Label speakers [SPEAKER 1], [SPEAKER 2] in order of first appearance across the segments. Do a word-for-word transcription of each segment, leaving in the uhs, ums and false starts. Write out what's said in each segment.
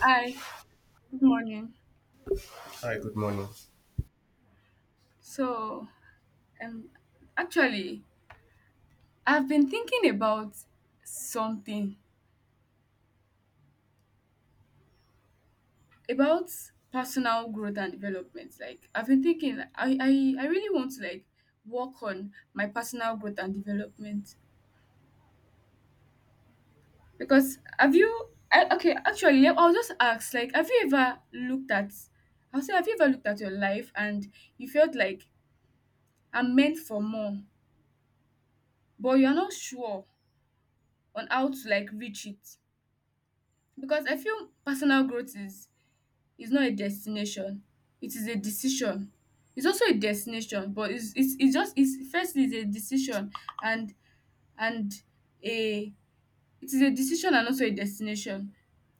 [SPEAKER 1] Hi, good morning.
[SPEAKER 2] Hi, good morning.
[SPEAKER 1] So, um, actually, I've been thinking about something about personal growth and development. Like, I've been thinking, I, I, I really want to like work on my personal growth and development because have you? I, okay, actually, I'll just ask. Like, have you ever looked at? I'll say, have you ever looked at your life and you felt like I'm meant for more, but you're not sure on how to like reach it? Because I feel personal growth is is not a destination, it is a decision. It's also a destination, but it's it's, it's just it's firstly it's a decision and and a it is a decision and also a destination.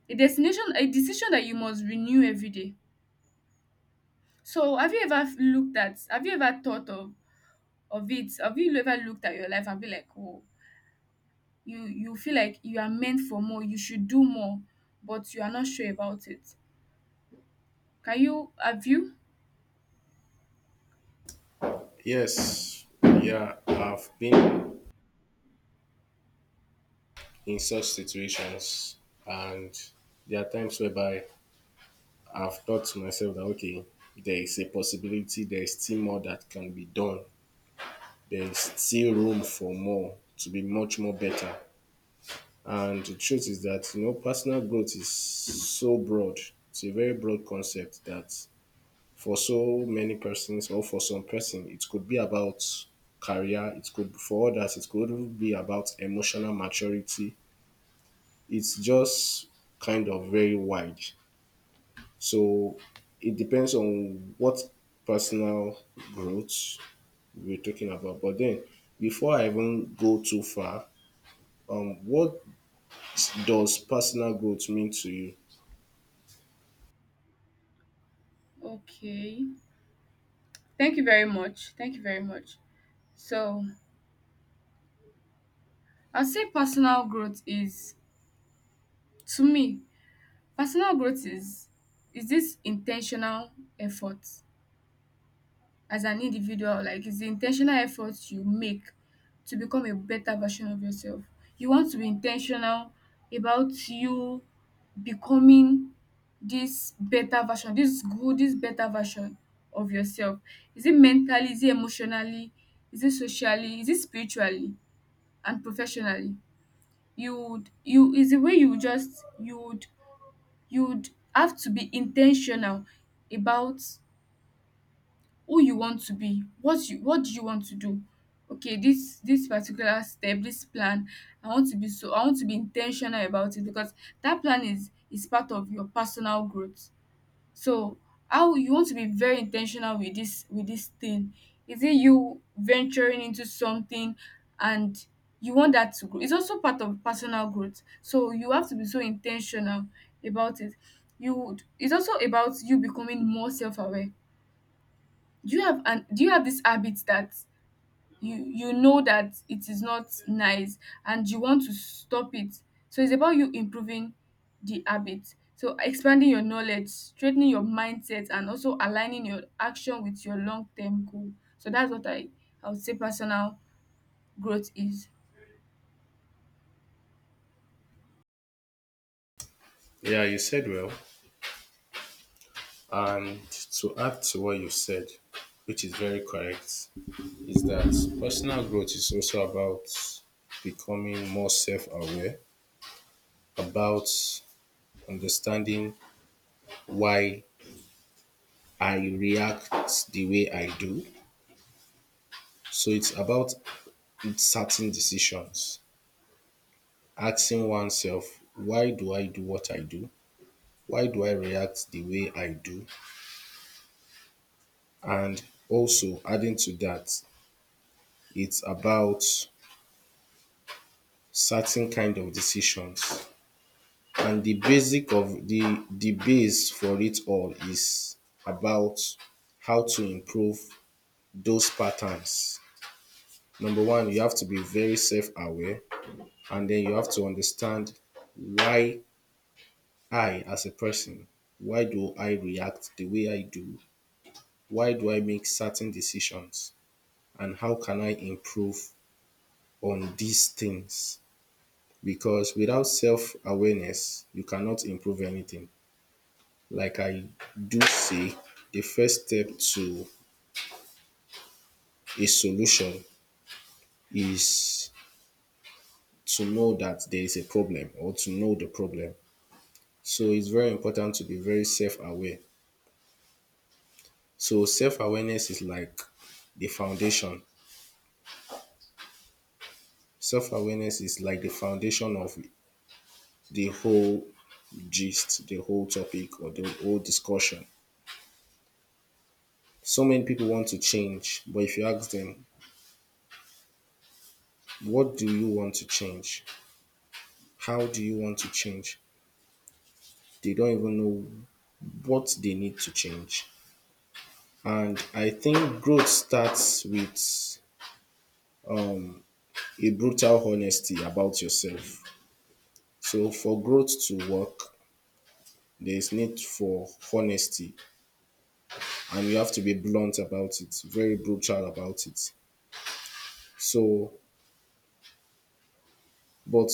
[SPEAKER 1] A destination a decision that you must renew every day. So have you ever looked at have you ever thought of of it? Have you ever looked at your life and be like, oh you you feel like you are meant for more, you should do more, but you are not sure about it. Can you have you?
[SPEAKER 2] Yes, yeah, I've been in such situations, and there are times whereby I've thought to myself that okay, there is a possibility, there is still more that can be done, there is still room for more to be much more better. And the truth is that you know, personal growth is so broad, it's a very broad concept that for so many persons or for some person it could be about career, it could, for others it could be about emotional maturity. It's just kind of very wide, so it depends on what personal growth we're talking about. But then before I even go too far, um what does personal growth mean to you?
[SPEAKER 1] Okay. Thank you very much. Thank you very much. So I'll say personal growth is to me, personal growth is is this intentional effort as an individual, like it's the intentional efforts you make to become a better version of yourself. You want to be intentional about you becoming this better version, this good, this better version of yourself. Is it mentally? Is it emotionally? Is it socially? Is it spiritually and professionally? You would you is the way you would just you would you would have to be intentional about who you want to be, what you what do you want to do. Okay, this this particular step, this plan, i want to be so I want to be intentional about it because that plan is is part of your personal growth. So how you want to be very intentional with this with this thing, is it you venturing into something and you want that to grow? It's also part of personal growth, so you have to be so intentional about it. You would it's also about you becoming more self-aware. do you have an do you have this habit that you you know that it is not nice and you want to stop it? So it's about you improving the habit, so expanding your knowledge, straightening your mindset, and also aligning your action with your long-term goal. So that's what i i would say personal growth is.
[SPEAKER 2] Yeah, you said well, and to add to what you said, which is very correct, is that personal growth is also about becoming more self aware, about understanding why I react the way I do. So it's about certain decisions, asking oneself, why do I do what I do? Why do I react the way I do? And also adding to that, it's about certain kind of decisions, and the basic of the the base for it all is about how to improve those patterns. Number one, you have to be very self aware, and then you have to understand why I, as a person, why do I react the way I do? Why do I make certain decisions? And how can I improve on these things? Because without self awareness, you cannot improve anything. Like I do say, the first step to a solution is to know that there is a problem or to know the problem. So it's very important to be very self aware. So self awareness is like the foundation. Self awareness is like the foundation of the whole gist, the whole topic, or the whole discussion. So many people want to change, but if you ask them, what do you want to change? How do you want to change? They don't even know what they need to change. And I think growth starts with um, a brutal honesty about yourself. So for growth to work, there's need for honesty, and you have to be blunt about it, very brutal about it. So but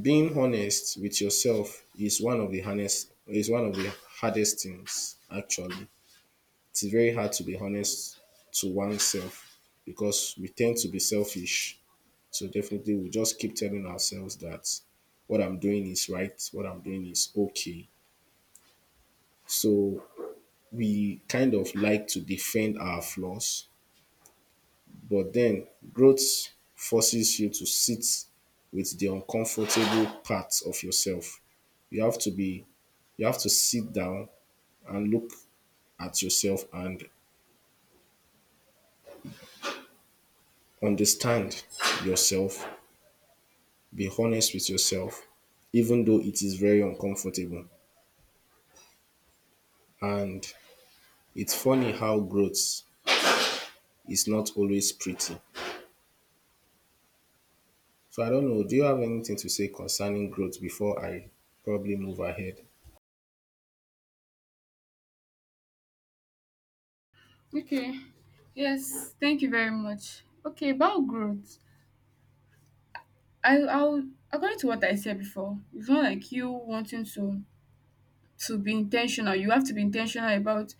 [SPEAKER 2] being honest with yourself is one of the hardest is one of the hardest things actually. It's very hard to be honest to oneself because we tend to be selfish. So definitely we just keep telling ourselves that what I'm doing is right, what I'm doing is okay. So we kind of like to defend our flaws, but then growth forces you to sit with the uncomfortable parts of yourself. You have to be, you have to sit down and look at yourself and understand yourself, be honest with yourself, even though it is very uncomfortable. And it's funny how growth is not always pretty. So I don't know, do you have anything to say concerning growth before I probably move ahead?
[SPEAKER 1] Okay, yes, thank you very much. Okay, about growth, i i'll according to what I said before, it's not like you wanting to to be intentional, you have to be intentional about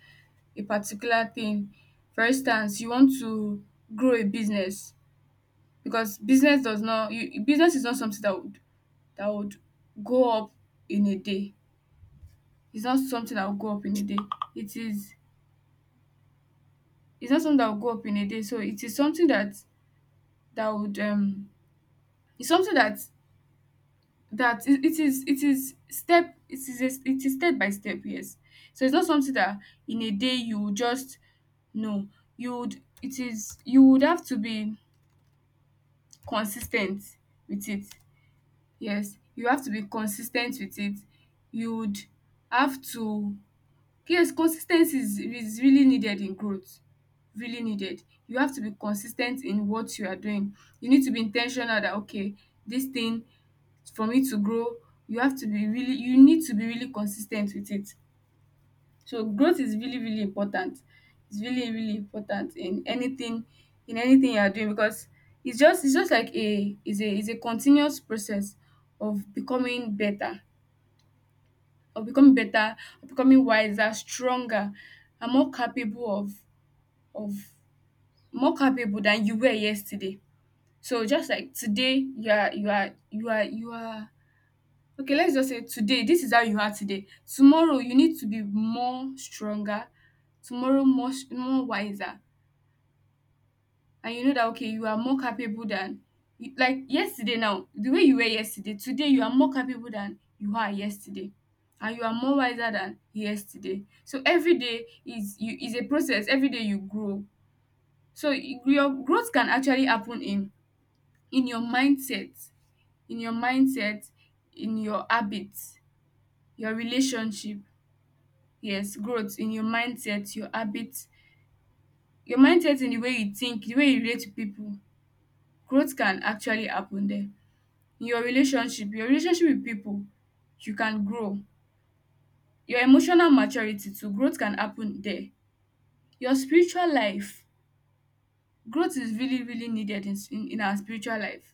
[SPEAKER 1] a particular thing. For instance, you want to grow a business, because business does not you business is not something that would that would go up in a day. It's not something that will go up in a day. It is it's not something that will go up in a day So it is something that that would um it's something that that it it is it is step it is a it is step by step. Yes, so it's not something that in a day you will just No, you would it is you would have to be consistent with it. Yes, you have to be consistent with it. You would have to yes, consistency is is really needed in growth, really needed. You have to be consistent in what you are doing. You need to be intentional that okay, this thing for me to grow, you have to be really you need to be really consistent with it. So growth is really, really important. It's really, really important in anything in anything you are doing because it's just it's just like a is a is a continuous process of becoming better, of becoming better, of becoming wiser, stronger, and more capable of of more capable than you were yesterday. So just like today you are you are you are you are okay, let's just say today, this is how you are today. Tomorrow, you need to be more stronger, tomorrow more s- more wiser, and you know that okay, you are more capable than you- like yesterday. Now, the way you were yesterday, today you are more capable than you are yesterday, and you are more wiser than yesterday. So every day is you is a process. Every day you grow. So y- your growth can actually happen in in your mindset, in your mindset, in your habits, your relationship. Yes, growth in your mindset, your habits, your mindset in the way you think, the way you relate to people. Growth can actually happen there. In your relationship, your relationship with people, you can grow. Your emotional maturity too, growth can happen there. Your spiritual life, growth is really, really needed in, in, in our spiritual life.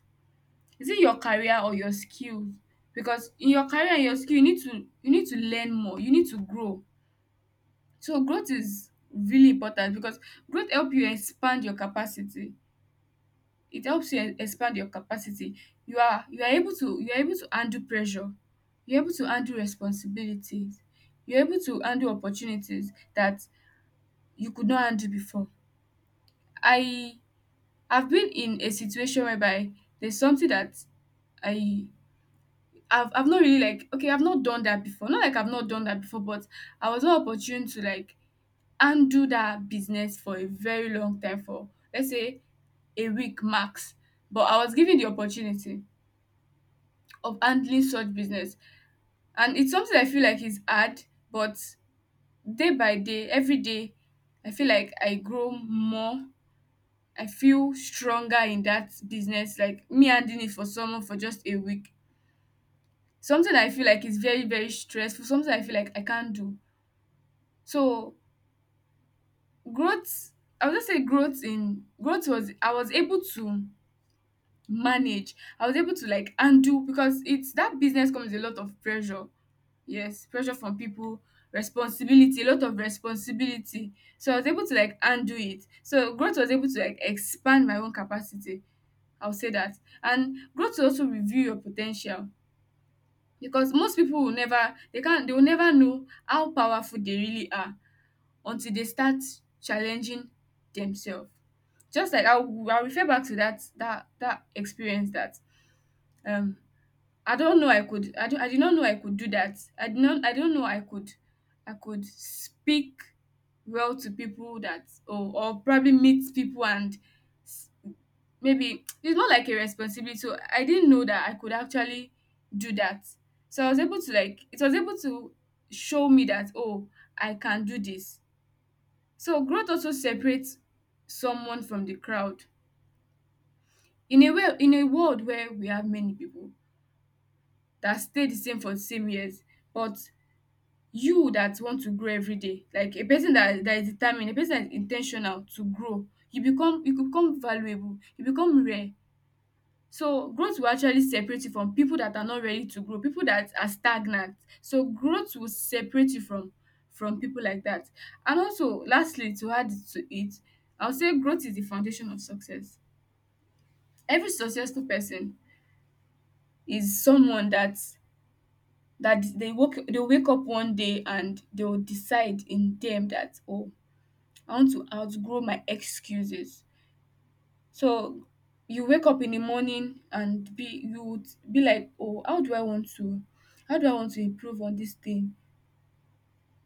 [SPEAKER 1] Is it your career or your skills? Because in your career and your skill, you need to you need to learn more. You need to grow. So growth is really important because growth help you expand your capacity, it helps you e- expand your capacity. you are you are able to you are able to handle pressure, you're able to handle responsibilities, you're able to handle opportunities that you could not handle before. I have been in a situation whereby there's something that I I've, I've not really like okay i've not done that before not like I've not done that before, but I was not opportune to like undo that business for a very long time, for let's say a week max, but I was given the opportunity of handling such business. And it's something I feel like is hard, but day by day, every day, I feel like I grow more. I feel stronger in that business, like me handling it for someone for just a week. Something I feel like is very, very stressful, something I feel like I can't do. So growth, I would just say growth in growth was I was able to manage. I was able to like undo because it's that business comes with a lot of pressure. Yes, pressure from people, responsibility, a lot of responsibility. So I was able to like undo it. So growth was able to like expand my own capacity. I'll say that. And growth will also review your potential, because most people will never they can't they will never know how powerful they really are until they start challenging themselves. Just like I'll, I'll refer back to that that that experience that um I don't know I could I, do I did not know I could do that. I did not I don't know I could I could speak well to people that, or, or probably meet people and s- maybe it's not like a responsibility. So I didn't know that I could actually do that. So I was able to like it was able to show me that oh I can do this. So growth also separates someone from the crowd. In a way in a world where we have many people that stay the same for the same years, but you that want to grow every day, like a person that that is determined, a person that is in to grow, you become you become valuable, you become rare. So growth will actually separate you from people that are not ready to grow, people that are stagnant. So growth will separate you from from people like that. And also, lastly, to add to it, I will say growth is the foundation of success. Every successful person is someone that that they woke they wake up one day and they will decide in them that oh I want to outgrow my excuses. So you wake up in the morning and be you would be like, oh, how do I want to how do I want to improve on this thing?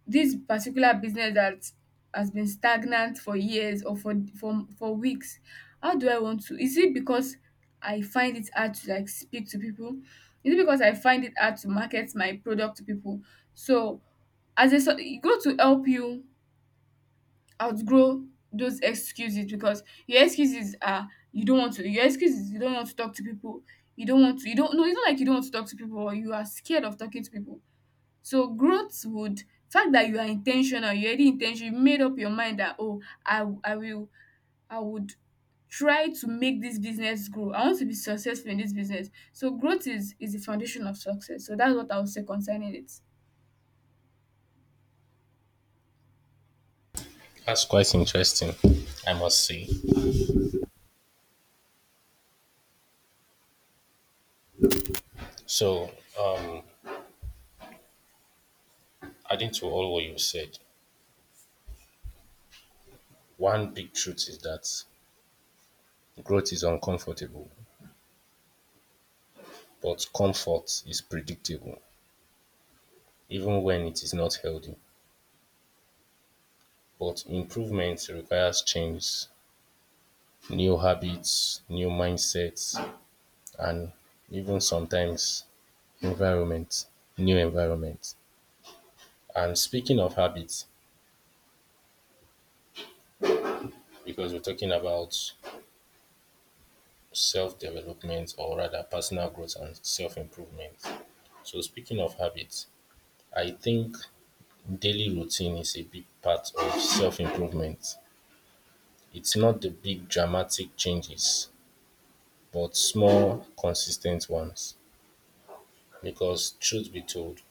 [SPEAKER 1] This particular business that has been stagnant for years or for for for weeks. How do I want to? Is it because I find it hard to like speak to people? Is it because I find it hard to market my product to people? So as a so e go to help you outgrow those excuses, because your excuses are you don't want to your excuses you don't want to talk to people, you don't want to you don't no it's not like you don't want to talk to people or you are scared of talking to people. So growth would fact that you are intentional, you already intentional, you made up your mind that oh i i will i would try to make this business grow. I want to be successful in this business. So growth is is the foundation of success. So that's what I would say concerning it.
[SPEAKER 2] That's quite interesting, I must say. So, um, adding to all what you said, one big truth is that growth is uncomfortable, but comfort is predictable, even when it is not healthy. But improvement requires change, new habits, new mindsets, and even sometimes environment new environment. And speaking of habits, because we're talking about self-development or rather personal growth and self-improvement, so speaking of habits, I think daily routine is a big part of self-improvement. It's not the big dramatic changes, but small consistent ones, because truth be told,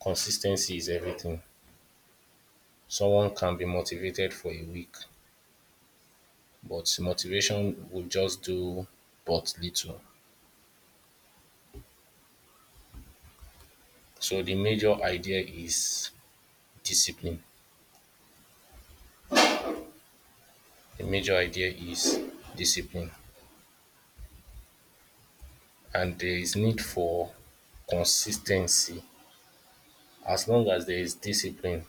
[SPEAKER 2] consistency is everything. Someone can be motivated for a week, but motivation will just do but little. So the major idea is discipline. The major idea is discipline, and there is need for consistency. As long as there is discipline,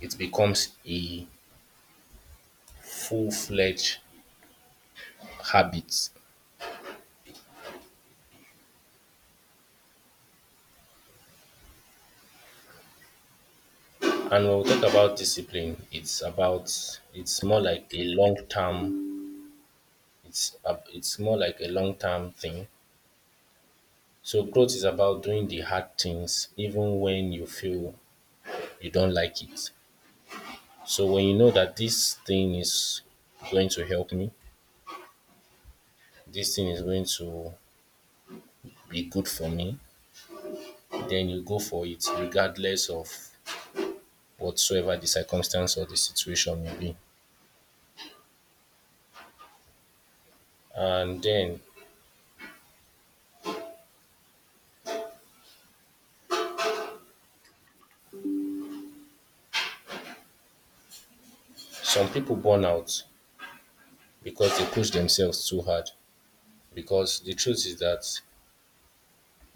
[SPEAKER 2] it becomes a full-fledged habit. And when we talk about discipline, it's about it's more like a long-term. It's a, it's more like a long-term thing. So growth is about doing the hard things even when you feel you don't like it. So when you know that this thing is going to help me, this thing is going to be good for me, then you go for it regardless of whatsoever the circumstance or the situation may be. And then some people burn out because they push themselves too hard. Because the truth is that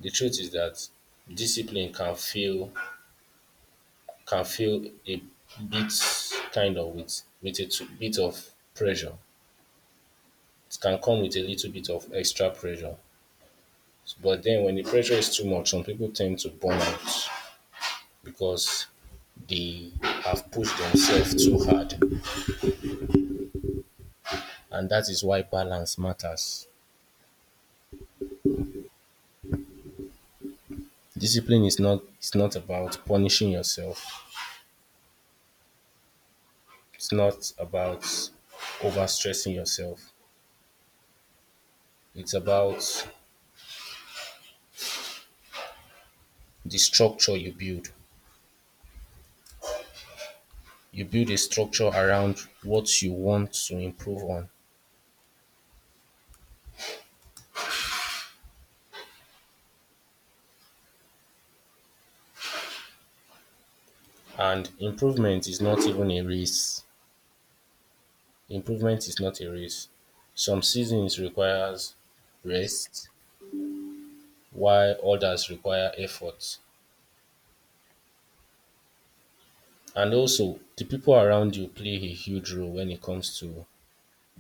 [SPEAKER 2] the truth is that discipline can feel can feel a bit kind of with with a t- bit of pressure. It can come with a little bit of extra pressure. But then when the pressure is too much, some people tend to burn out because they have pushed themselves too hard. And that is why balance matters. Discipline is not, it's not about punishing yourself. It's not about overstressing yourself. It's about the structure you build, you build a structure around what you want to improve on. And improvement is not even a race. Improvement is not a race. Some seasons requires rest, while others require effort. And also, the people around you play a huge role when it comes to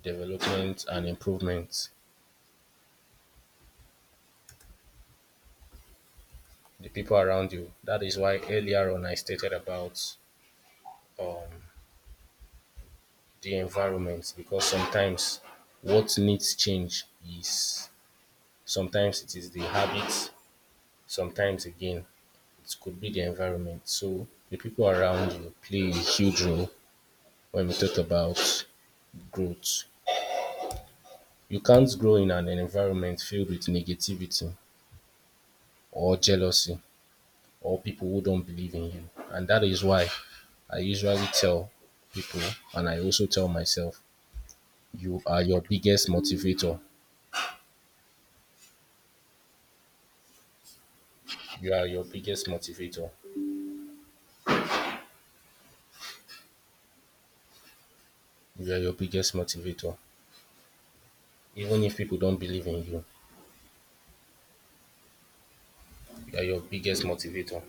[SPEAKER 2] development and improvement. The people around you. That is why earlier on I stated about um, the environment, because sometimes what needs change is, sometimes it is the habits, sometimes again it could be the environment. So the people around you play a huge role when we talk about growth. You can't grow in an environment filled with negativity or jealousy or people who don't believe in you. And that is why I usually tell people, and I also tell myself, you are your biggest motivator. You are your biggest motivator. You are your biggest motivator. Even if people don't believe in you, you are your biggest motivator.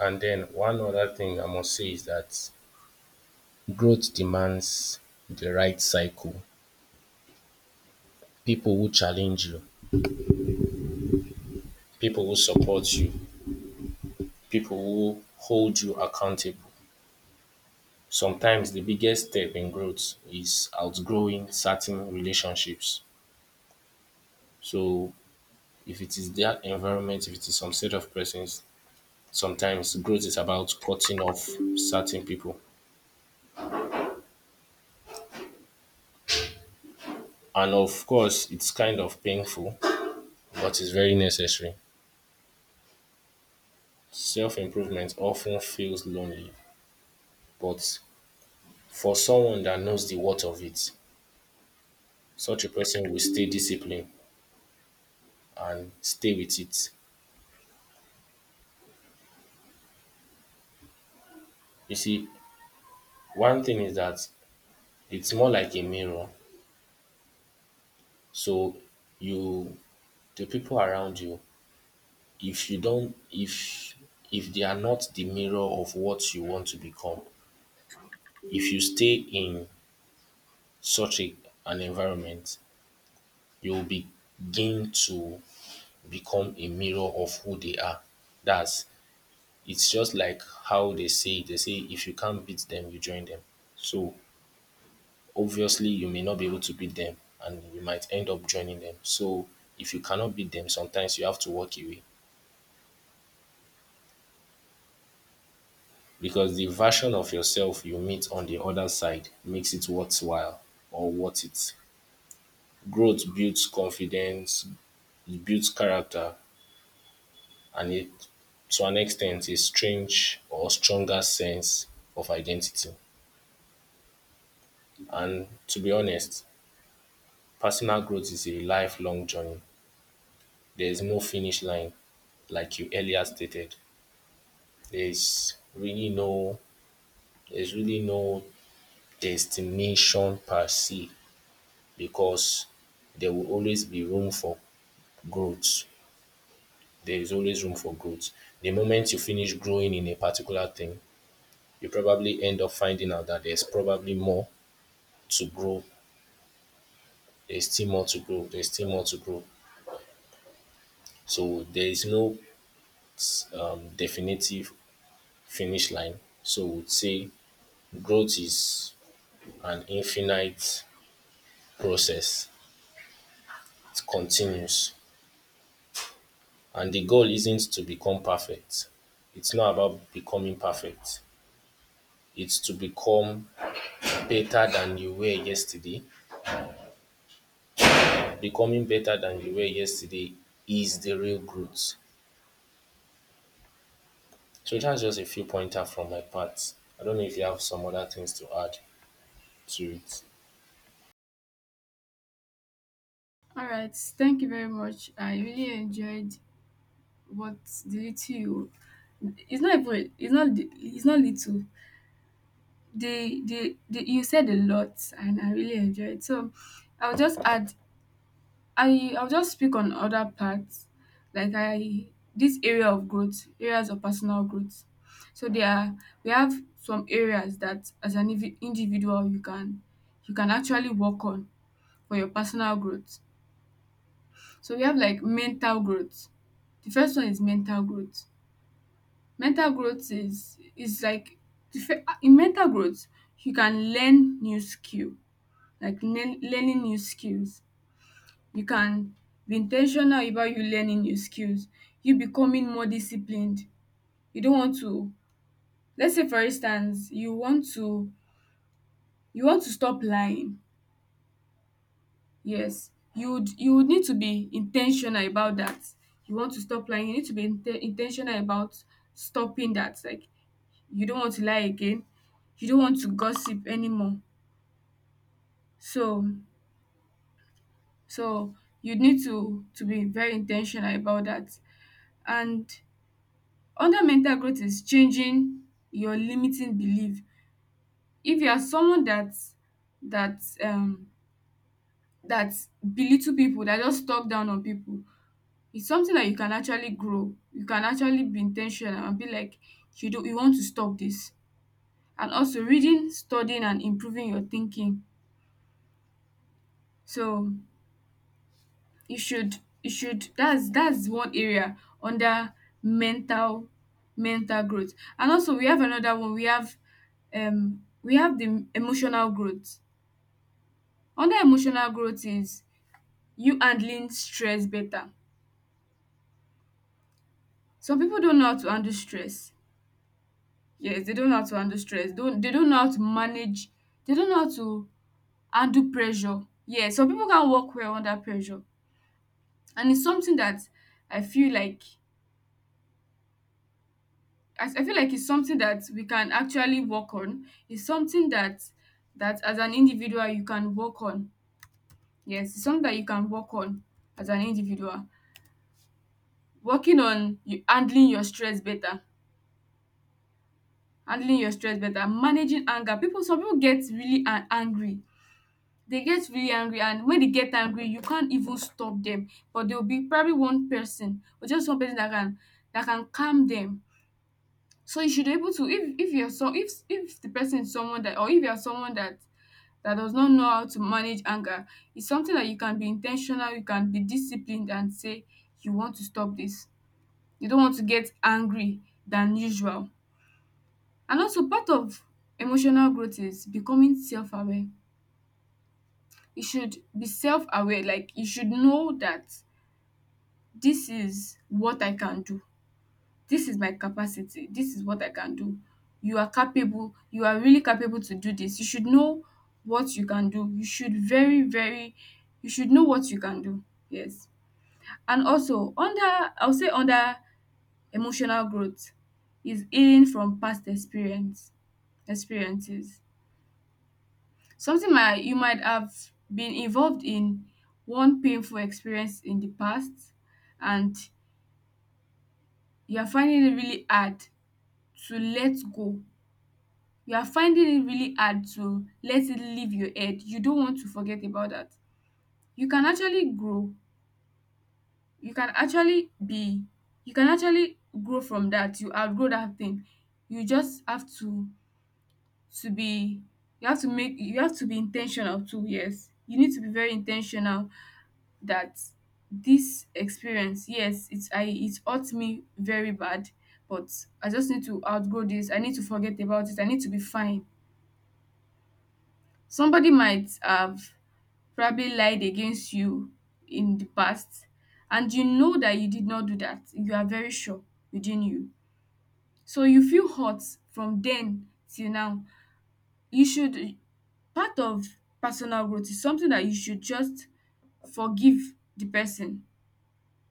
[SPEAKER 2] And then one other thing I must say is that growth demands the right cycle. People who challenge you, people who support you, people who hold you accountable. Sometimes the biggest step in growth is outgrowing certain relationships. So if it is that environment, if it is some set of persons, sometimes growth is about cutting off certain people. And of course, it's kind of painful, but it's very necessary. Self improvement often feels lonely, but for someone that knows the worth of it, such a person will stay disciplined and stay with it. You see, one thing is that it's more like a mirror. So you, the people around you, if you don't if if they are not the mirror of what you want to become, if you stay in such a, an environment, you'll begin to become a mirror of who they are. That's, it's just like how they say it. They say if you can't beat them, you join them. So obviously you may not be able to beat them and you might end up joining them. So if you cannot beat them, sometimes you have to walk away, because the version of yourself you meet on the other side makes it worthwhile or worth it. Growth builds confidence, it builds character, and it to an extent a strange or stronger sense of identity. And to be honest, personal growth is a lifelong journey. There is no finish line, like you earlier stated. There is really no, there's really no destination per se, because there will always be room for growth. There is always room for growth. The moment you finish growing in a particular thing, you probably end up finding out that there's probably more to grow. There's still more to grow. There's still more to grow. So there is no um, definitive finish line. So we'd say growth is an infinite process. It continues. And the goal isn't to become perfect. It's not about becoming perfect. It's to become better than you were yesterday. Becoming better than you were yesterday is the real growth. So that's just a few pointer from my part. I don't know if you have some other things to add to it.
[SPEAKER 1] All right, thank you very much, I really enjoyed what the little you it's not even it's not it's not little. They they, they you said a lot and I really enjoyed. So I'll just add I I'll just speak on other parts like I, this area of growth, areas of personal growth. So there are, we have some areas that as an invi- individual you can, you can actually work on for your personal growth. So we have like mental growth. The first one is mental growth. Mental growth is is like the fir- in mental growth, you can learn new skill like learn learning new skills. You can be intentional about you learning new skills, you becoming more disciplined. You don't want to, let's say for instance you want to, you want to stop lying. Yes, you would, you would need to be intentional about that. You want to stop lying, you need to be in ten about stopping that, like you don't want to lie again, you don't want to gossip anymore. So so you need to to be very intentional about that. And under mental growth is changing your limiting belief. If you are someone that that um that belittle people, that just talk down on people, it's something that you can actually grow. You can actually be in and be like, you do, you want to stop this. And also reading, studying and improving your thinking. So you should you should that's that's one area under mental mental growth. And also we have another one, we have um we have the emotional growth. Under emotional growth is you handling stress better. Some people don't know how to handle stress. Yes, they don't know how to handle stress, don't, they don't know how to manage, they don't know how to handle pressure. Yeah, some people can't work well under pressure, and it's something that I feel like, I I feel like it's something that we can actually work on. It's something that, that as an individual you can work on. Yes, it's something that you can work on as an individual. Working on you handling your stress better, handling your stress better, managing anger. People, some people get really an- angry. They get really angry, and when they get angry, you can't even stop them. But there will be probably one person, or just one person that can, that can calm them. So you should be able to, if if you're, so if if the person is someone that, or if you're someone that, that does not know how to manage anger, is something that you can be intentional. You can be disciplined and say you want to stop this. You don't want to get angry than usual. And also part of emotional growth is becoming self-aware. You should be self-aware, like you should know that this is what I can do. This is my capacity. This is what I can do. You are capable, you are really capable to do this. You should know what you can do. You should, very very you should know what you can do. Yes, and also under, I will say under emotional growth is healing from past experience, experiences. Something might, you might have been involved in one painful experience in the past, and you are finding it really hard to let go. You are finding it really hard to let it leave your head. You don't want to forget about that. You can actually grow, you can actually be, you can actually grow from that, you outgrow that thing. You just have to to be, you have to make, you have to be intentional too. Yes, you need to be very intentional that this experience, yes it's, I it hurt me very bad, but I just need to outgrow this. I need to forget about it, I need to be fine. Somebody might have probably lied against you in the past, and you know that you did not do that. You are very sure within you, so you feel hurt from then till now. You should, part of personal growth is something that you should just forgive the person.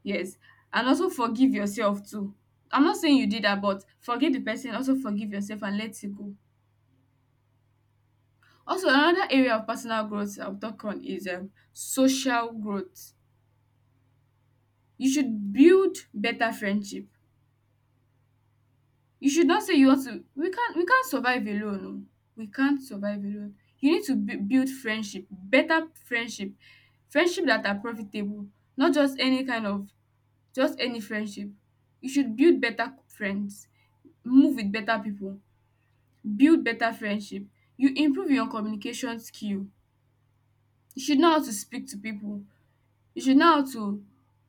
[SPEAKER 1] Yes, and also forgive yourself too. I'm not saying you did that, but forgive the person, also forgive yourself and let it go. Also another area of personal growth I'll talk on is um social growth. You should build better friendship. You should not say you want to, we can't we can't survive alone. Oh, we can't survive alone. You need to bui build friendship, better friendship, friendship that are profitable, not just any kind of, just any friendship. You should build better friends, move with better people, build better friendship. You improve your communication skill. You should know how to speak to people. You should know how to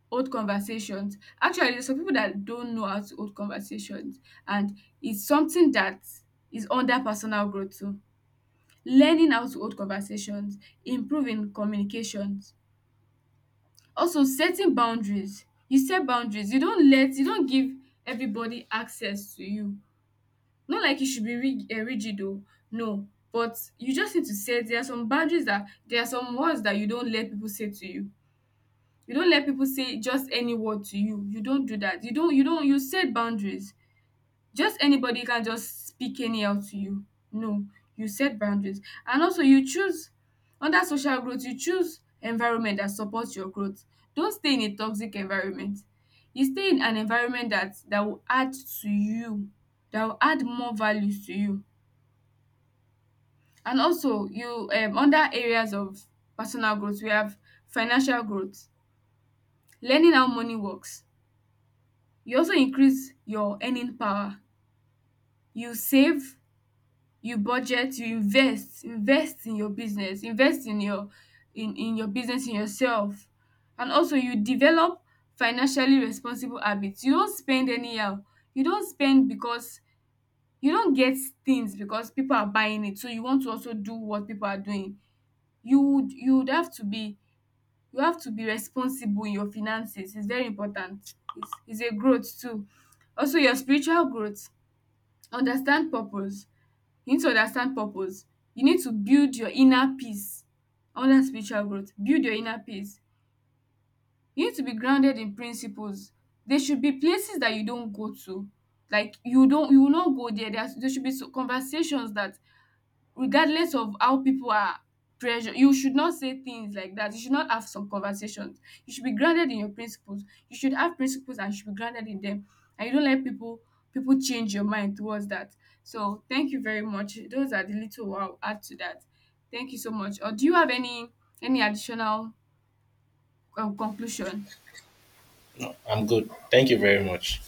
[SPEAKER 1] old conversations. Actually, there's some people that don't know how to hold conversations, and it's something that is under personal growth too. Learning how to hold conversations, improving communications, also setting boundaries. You set boundaries. You don't let, you don't give everybody access to you. Not like you should be rig- eh, rigid though. No, but you just need to set. There are some boundaries that, there are some words that you don't let people say to you. You don't let people say just any word to you. You don't do that. You don't you don't you set boundaries. Just anybody can just speak anyhow to you. No, you set boundaries. And also you choose, under social growth, you choose environment that supports your growth. Don't stay in a toxic environment. You stay in an environment that that will add to you, that will add more values to you. And also you, um under areas of personal growth, we have financial growth, learning how money works. You also increase your earning power. You save, you budget, you invest. Invest in your business, invest in your, in in your business, in yourself. And also you develop financially responsible habits. You don't spend anyhow. You don't spend because, you don't get things because people are buying it, so you want to also do what people are doing. You would you would have to be, you have to be responsible in your finances. It's very important. It's, it's a growth too. Also your spiritual growth. Understand purpose. You need to understand purpose. You need to build your inner peace. Under spiritual growth, build your inner peace. You need to be grounded in principles. There should be places that you don't go to. Like you don't, you will not go there. There are- there should be so- conversations that, regardless of how people are pressure, you should not say things like that. You should not have some conversations. You should be grounded in your principles. You should have principles and you should be grounded in them, and you don't let people, people change your mind towards that. So thank you very much, those are the little I'll add to that. Thank you so much. Or do you have any any additional, um, conclusion?
[SPEAKER 2] I'm good. Thank you very much.